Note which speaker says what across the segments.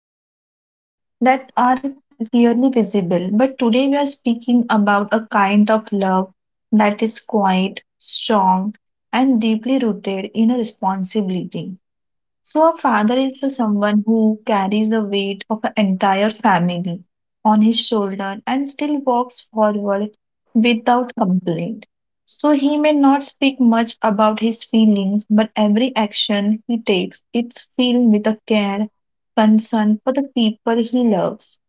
Speaker 1: and emotion that are clearly visible. But today we are speaking about a kind of love that is quiet, strong, and deeply rooted in a responsibility. So, a father is the someone who carries the weight of an entire family on his shoulder and still walks forward without complaint. So, he may not speak much about his feelings, but every action he takes it's filled with a care, concern for the people he loves.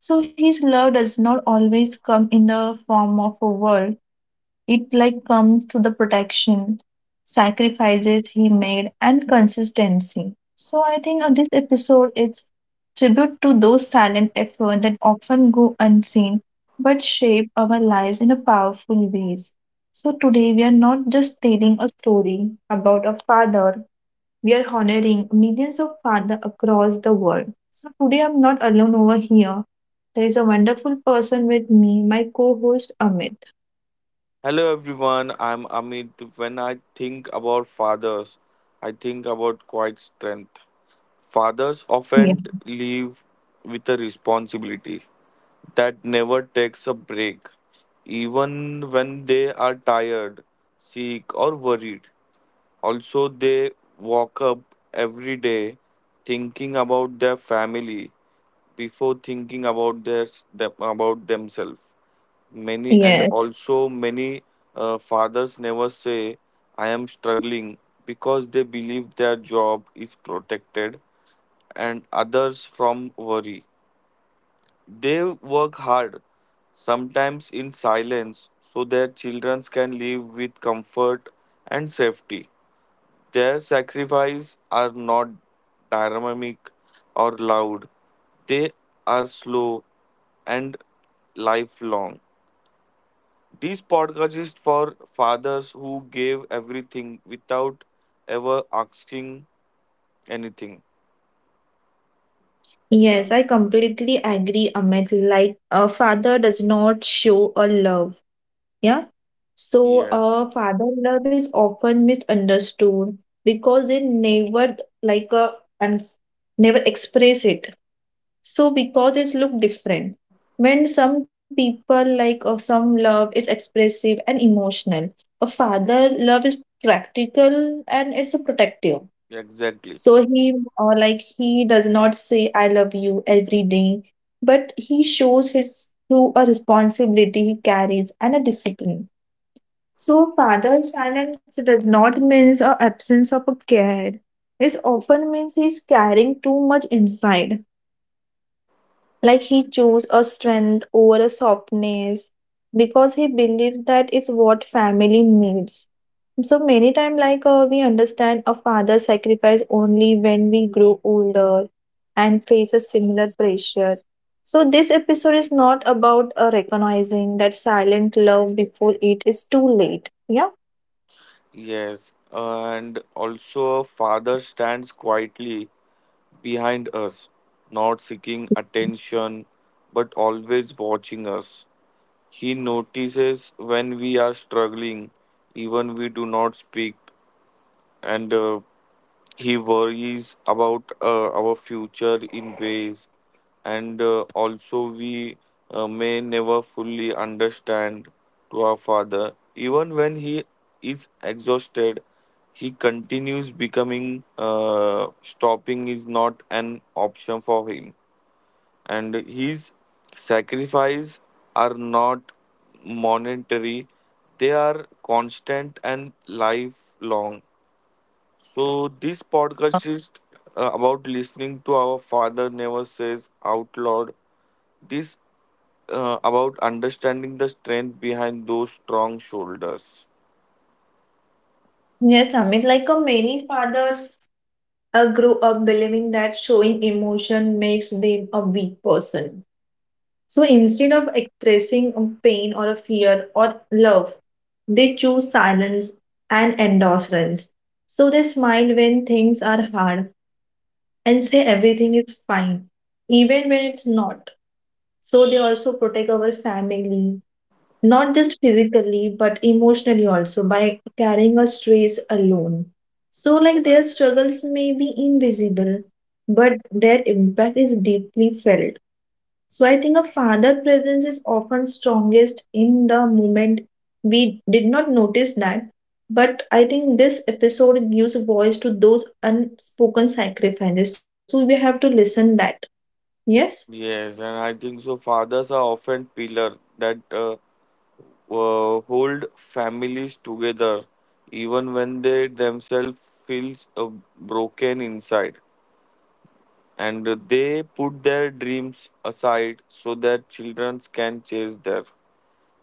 Speaker 1: So, his love does not always come in the form of a word, it like comes to the protection, sacrifices he made, and consistency. So I think this episode is tribute to those silent efforts that often go unseen but shape our lives in a powerful ways. So today we are not just telling a story about a father, we are honoring millions of fathers across the world. So today I'm not alone over here. There is a wonderful person with me, my co-host Amit.
Speaker 2: Hello everyone, I'm Amit. When I think about fathers, I think about quiet strength. Fathers
Speaker 1: Yeah.
Speaker 2: often leave with a responsibility that never takes a break, even when they are tired, sick, or worried. Also, they walk up every day thinking about their family before thinking about about themselves. Many and
Speaker 1: Yes.
Speaker 2: also many Fathers never say, I am struggling because they believe their job is protected and others from worry. They work hard, sometimes in silence, so their children can live with comfort and safety. Their sacrifices are not dynamic or loud, they are slow and lifelong. This podcast is for fathers who gave everything without ever asking anything.
Speaker 1: Yes, I completely agree, Amit. Like a father does not show a love. Yeah. So
Speaker 2: Yes,
Speaker 1: a father love is often misunderstood because they never like a and never express it. So because it's look different. When some people like or some love is expressive and emotional. A father love is practical and it's a protective
Speaker 2: exactly.
Speaker 1: so he like he does not say I love you every day, but he shows his through a responsibility he carries and a discipline. So father silence does not means a absence of a care. It often means he's carrying too much inside. Like he chose a strength over a softness because he believes that it's what family needs. So many times, like, we understand a father's sacrifice only when we grow older and face a similar pressure. So this episode is not about recognizing that silent love before it is too late. Yeah.
Speaker 2: Yes, and also, father stands quietly behind us, not seeking attention but always watching us. He notices when we are struggling, even we do not speak, and he worries about our future in ways, and also we may never fully understand to our father. Even when he is exhausted, he continues becoming. Stopping is not an option for him, and his sacrifices are not monetary; they are constant and lifelong. So this podcast is about listening to our father never says out loud. This about understanding the strength behind those strong shoulders.
Speaker 1: Yes, Amit. Like, many fathers grow up believing that showing emotion makes them a weak person. So instead of expressing a pain or a fear or love, they choose silence and endorsements. So they smile when things are hard and say everything is fine, even when it's not. So they also protect our family, not just physically, but emotionally also by carrying a stress alone. So, like their struggles may be invisible, but their impact is deeply felt. So I think a father presence is often strongest in the moment. We did not notice that, but I think this episode gives voice to those unspoken sacrifices. So we have to listen that. Yes.
Speaker 2: Yes, and I think so. Fathers are often pillar that hold families together, even when they themselves feels broken inside, and they put their dreams aside so that children can chase their.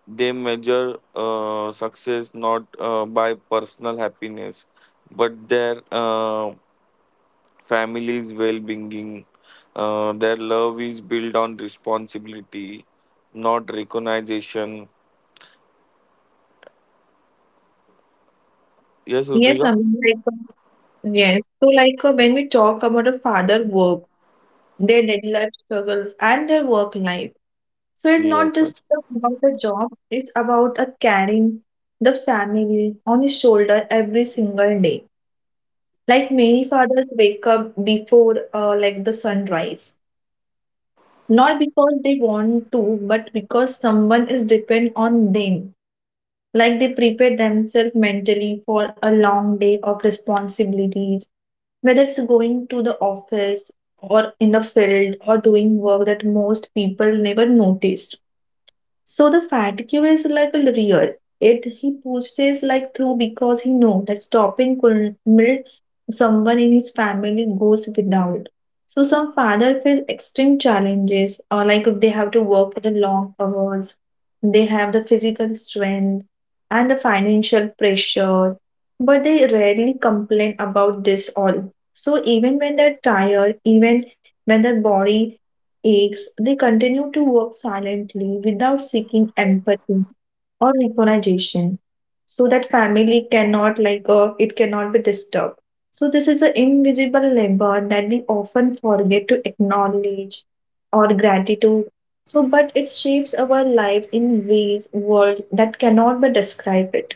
Speaker 2: They measure success not by personal happiness, but their family's well being. Their love is built on responsibility, not recognition. Yes,
Speaker 1: Yes. I
Speaker 2: Rutuja?
Speaker 1: mean, like, yes. So like, when we talk about a father work, their daily life struggles and their work life. So it's not
Speaker 2: Yes,
Speaker 1: just
Speaker 2: yes.
Speaker 1: about the job. It's about a carrying the family on his shoulder every single day. Like many fathers wake up before like the sunrise, not because they want to, but because someone is depend on them. Like they prepare themselves mentally for a long day of responsibilities, whether it's going to the office or in the field or doing work that most people never notice. So the fat is like a real. It he pushes like through because he know that stopping could melt someone in his family goes without. So some father face extreme challenges or like they have to work for the long hours. They have the physical strength and the financial pressure, but they rarely complain about this all. So even when they're tired, even when their body aches, they continue to work silently without seeking empathy or recognition so that family cannot like, it cannot be disturbed. So this is an invisible labor that we often forget to acknowledge or gratitude. So but it shapes our lives in ways world that cannot be described it.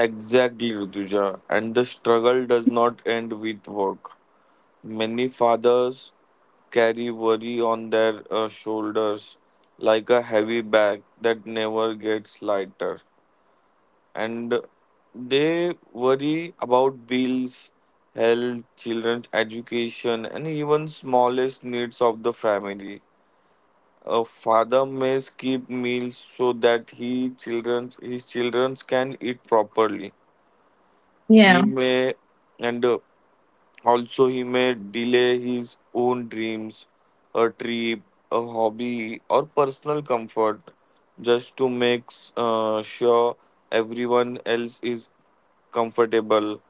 Speaker 2: Exactly, Rutuja. And the struggle does not end with work. Many fathers carry worry on their shoulders like a heavy bag that never gets lighter. And they worry about bills, health, children's education, and even smallest needs of the family. A father may skip meals so that he children his children can eat properly. He
Speaker 1: yeah
Speaker 2: may and Also, he may delay his own dreams, a trip, a hobby, or personal comfort just to make sure everyone else is comfortable.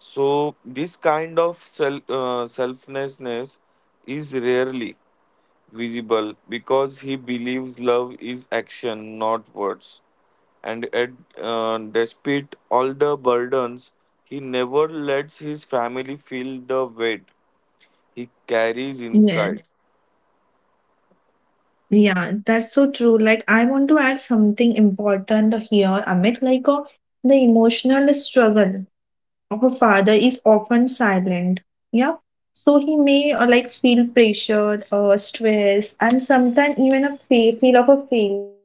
Speaker 2: So, this kind of selflessness is rarely visible because he believes love is action, not words. And at, Despite all the burdens, he never lets his family feel the weight he carries
Speaker 1: yeah
Speaker 2: inside.
Speaker 1: yeah, that's so true. Like I want to add something important here, Amit. Like, the emotional struggle her father is often silent. Yeah. So he may like feel pressured or stress and sometimes even a feel of a failure.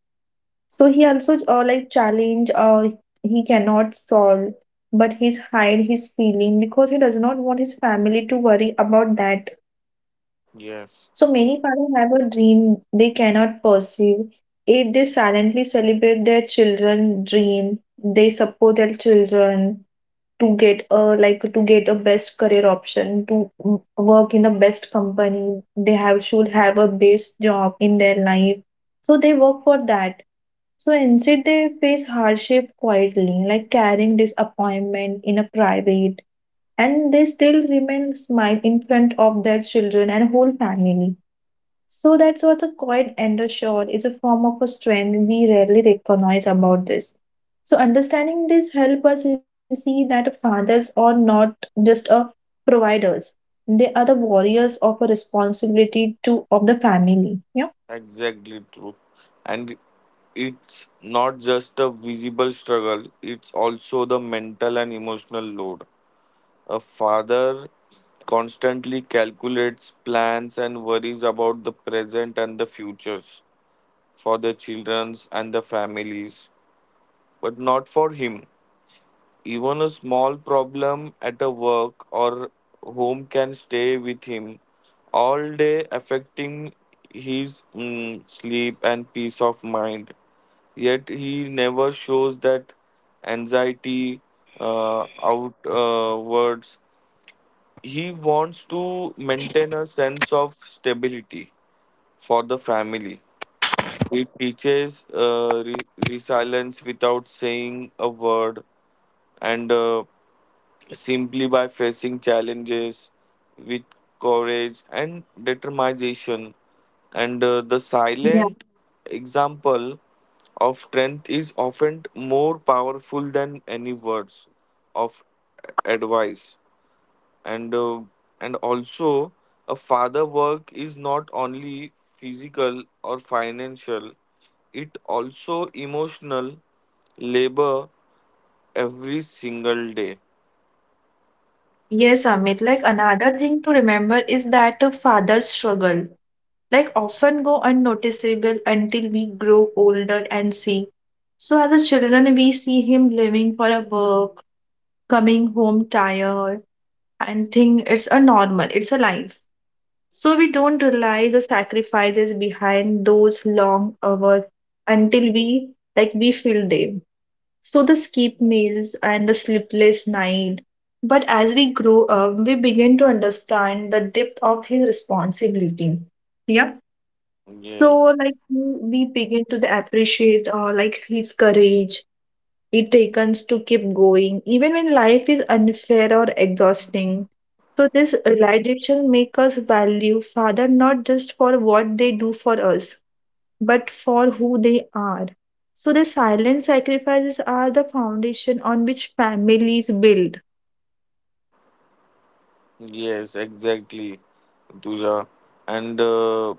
Speaker 1: So he also like challenge he cannot solve, but he's hide his feeling because he does not want his family to worry about that.
Speaker 2: Yes,
Speaker 1: So many families have a dream they cannot pursue it. They silently celebrate their children dream. They support their children to get a to get a best career option to work in the best company. They have should have a best job in their life. So they work for that. So instead they face hardship quietly, like carrying disappointment in a private, and they still remain smile in front of their children and whole family. So that's what a quiet undershot is a form of a strength we rarely recognize about this. So understanding this help us to see that fathers are not just a providers. They are the warriors of a responsibility to of the family. Yeah.
Speaker 2: exactly true. And it's not just a visible struggle, it's also the mental and emotional load. A father constantly calculates plans and worries about the present and the futures for the children's and the families, but not for him. Even a small problem at a work or home can stay with him all day, affecting his sleep and peace of mind. Yet he never shows that anxiety outwards. He wants to maintain a sense of stability for the family. He teaches resilience without saying a word, and simply by facing challenges with courage and determination. And The
Speaker 1: Yeah.
Speaker 2: silent example of strength is often more powerful than any words of advice. And uh, and also, a father work is not only physical or financial; it also emotional labor every single day.
Speaker 1: Yes, Amit. Like another thing to remember is that a father's struggle, like often go unnoticeable until we grow older and see. So as a children, we see him living for a work coming home tired and think it's a normal, it's a life. So we don't realize the sacrifices behind those long hours until we feel them. So the skip meals and the sleepless night. But as we grow up, we begin to understand the depth of his responsibility. Yeah.
Speaker 2: Yes.
Speaker 1: So like we begin to the appreciate like his courage it takes to keep going, even when life is unfair or exhausting. So, this realization makes us value father not just for what they do for us, but for who they are. So, the silent sacrifices are the foundation on which families build.
Speaker 2: Yes, exactly, Tuja. And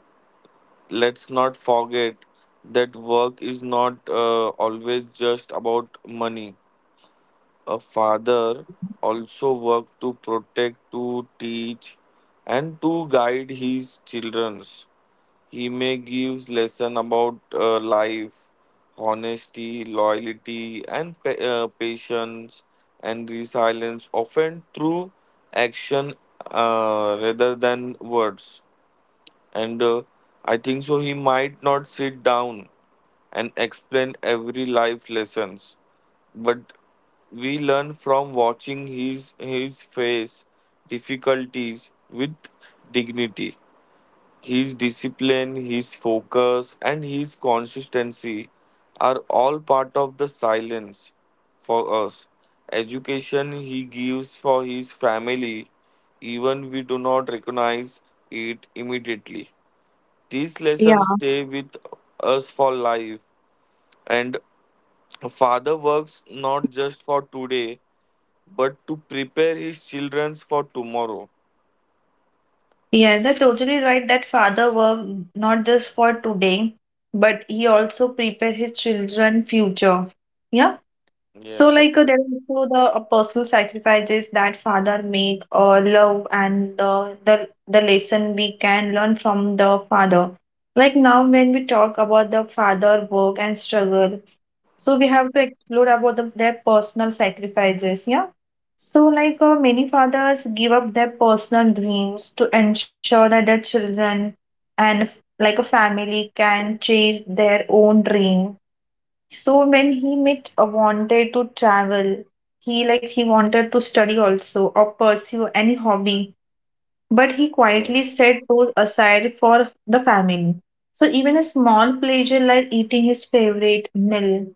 Speaker 2: Let's not forget that work is not always just about money. A father also work to protect, to teach, and to guide his children. He may gives lesson about life, honesty, loyalty, and patience and resilience, often through action rather than words. And I think so. He might not sit down and explain every life lessons, but we learn from watching his face difficulties with dignity. His discipline, his focus, and his consistency are all part of the silence for us. Education he gives for his family, even we do not recognize it immediately. These
Speaker 1: Yeah.
Speaker 2: lessons stay with us for life, and father works not just for today but to prepare his children for tomorrow.
Speaker 1: Yes, that's totally right that father worked not just for today, but he also prepared his children future. Yeah. So,
Speaker 2: Yes,
Speaker 1: like,
Speaker 2: exactly.
Speaker 1: there are also the personal sacrifices that father make, love, and the lesson we can learn from the father. Like now, when we talk about the father work and struggle, so we have to explore about their personal sacrifices. Yeah. So, like, many fathers give up their personal dreams to ensure that their children and like a family can chase their own dream. So when he met wanted to travel, he wanted to study also or pursue any hobby, but he quietly
Speaker 2: Yes,
Speaker 1: set those aside for the family. So even a small pleasure like eating his favorite meal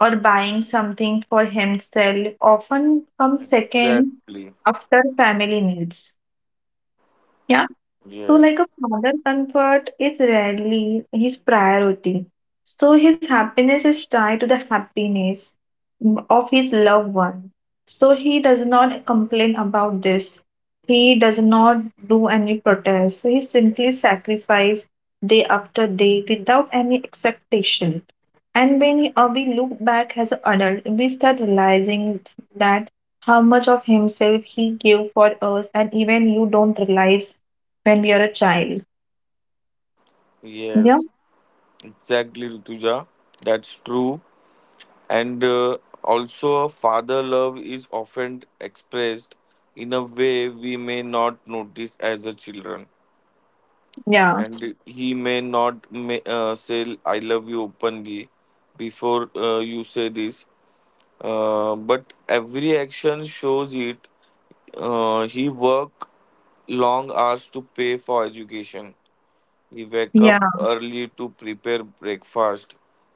Speaker 1: or buying something for himself often comes second
Speaker 2: exactly.
Speaker 1: after family needs. Yeah. So, like
Speaker 2: Yes.
Speaker 1: a father, comfort is rarely his priority. So, his happiness is tied to the happiness of his loved one. So, he does not complain about this. He does not do any protest. So, he simply sacrifices day after day without any expectation. And we look back as an adult, we start realizing that how much of himself he gave for us, and even you don't realize when we are a child. Yeah.
Speaker 2: Yes, exactly, Rituja. That's true. And Also, father love is often expressed in a way we may not notice as a children.
Speaker 1: Yeah.
Speaker 2: And he may not say, I love you openly before you say this. But every action shows it. He work long hours to pay for education. He wakes
Speaker 1: Yeah.
Speaker 2: up early to prepare breakfast.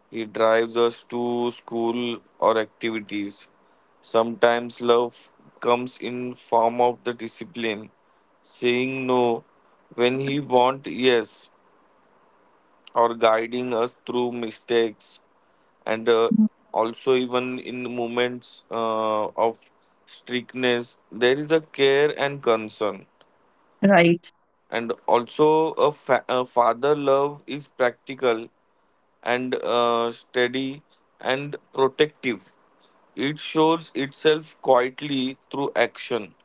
Speaker 2: He drives us to school or activities. Sometimes love comes in form of the discipline, saying no when he want yes, or guiding us through mistakes, and
Speaker 1: Mhm.
Speaker 2: also even in moments of strictness, there is a care and concern,
Speaker 1: Right.
Speaker 2: and also a father love is practical and steady and protective. It shows itself quietly through action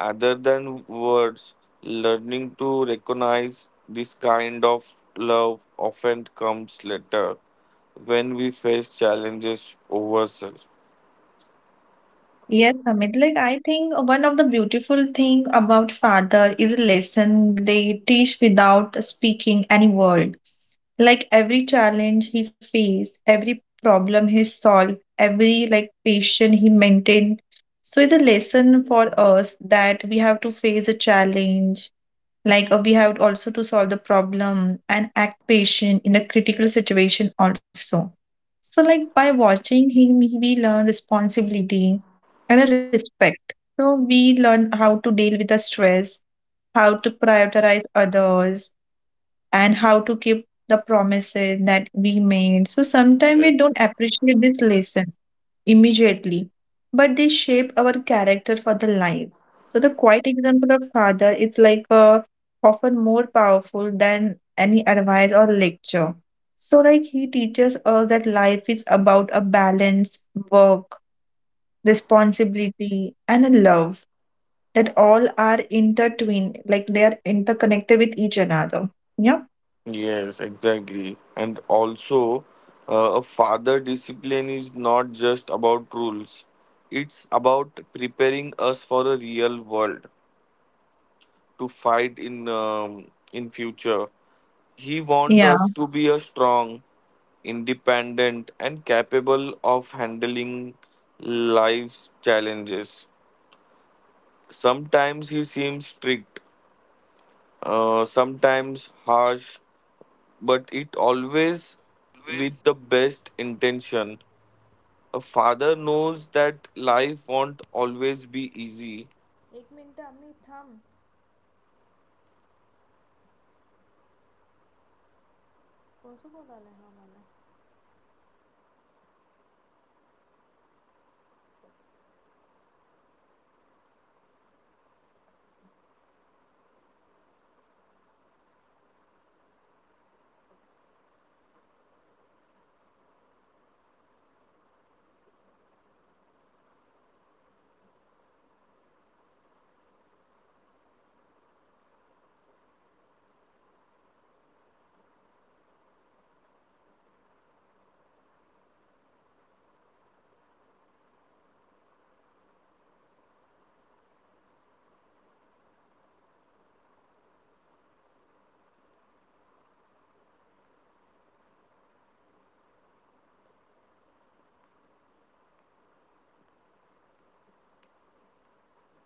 Speaker 2: other than words. Learning to recognize this kind of love often comes later when we face challenges ourselves.
Speaker 1: Yes, Amit. Like I think one of the beautiful thing about father is a lesson they teach without speaking any word. Like every challenge he faced, every problem he solved, every like patient he maintained. So it's a lesson for us that we have to face a challenge like, we have also to solve the problem and act patient in the critical situation also. So like by watching him we learn responsibility and a respect. So we learn how to deal with the stress, how to prioritize others, and how to keep the promises that we made. So sometimes we
Speaker 2: Yes.
Speaker 1: don't appreciate this lesson immediately, but they shape our character for the life. So the quiet example of father is like, often more powerful than any advice or lecture. So like he teaches us that life is about a balance, work, responsibility, and a love that all are intertwined, like they are interconnected with each another. Yeah.
Speaker 2: Yes, exactly. And also, a father discipline is not just about rules, it's about preparing us for a real world to fight in future. He wants us
Speaker 1: Yeah.
Speaker 2: to be a strong, independent, and capable of handling life's challenges. Sometimes he seems strict, sometimes harsh, but it always with the best intention. A father knows that life won't always be easy,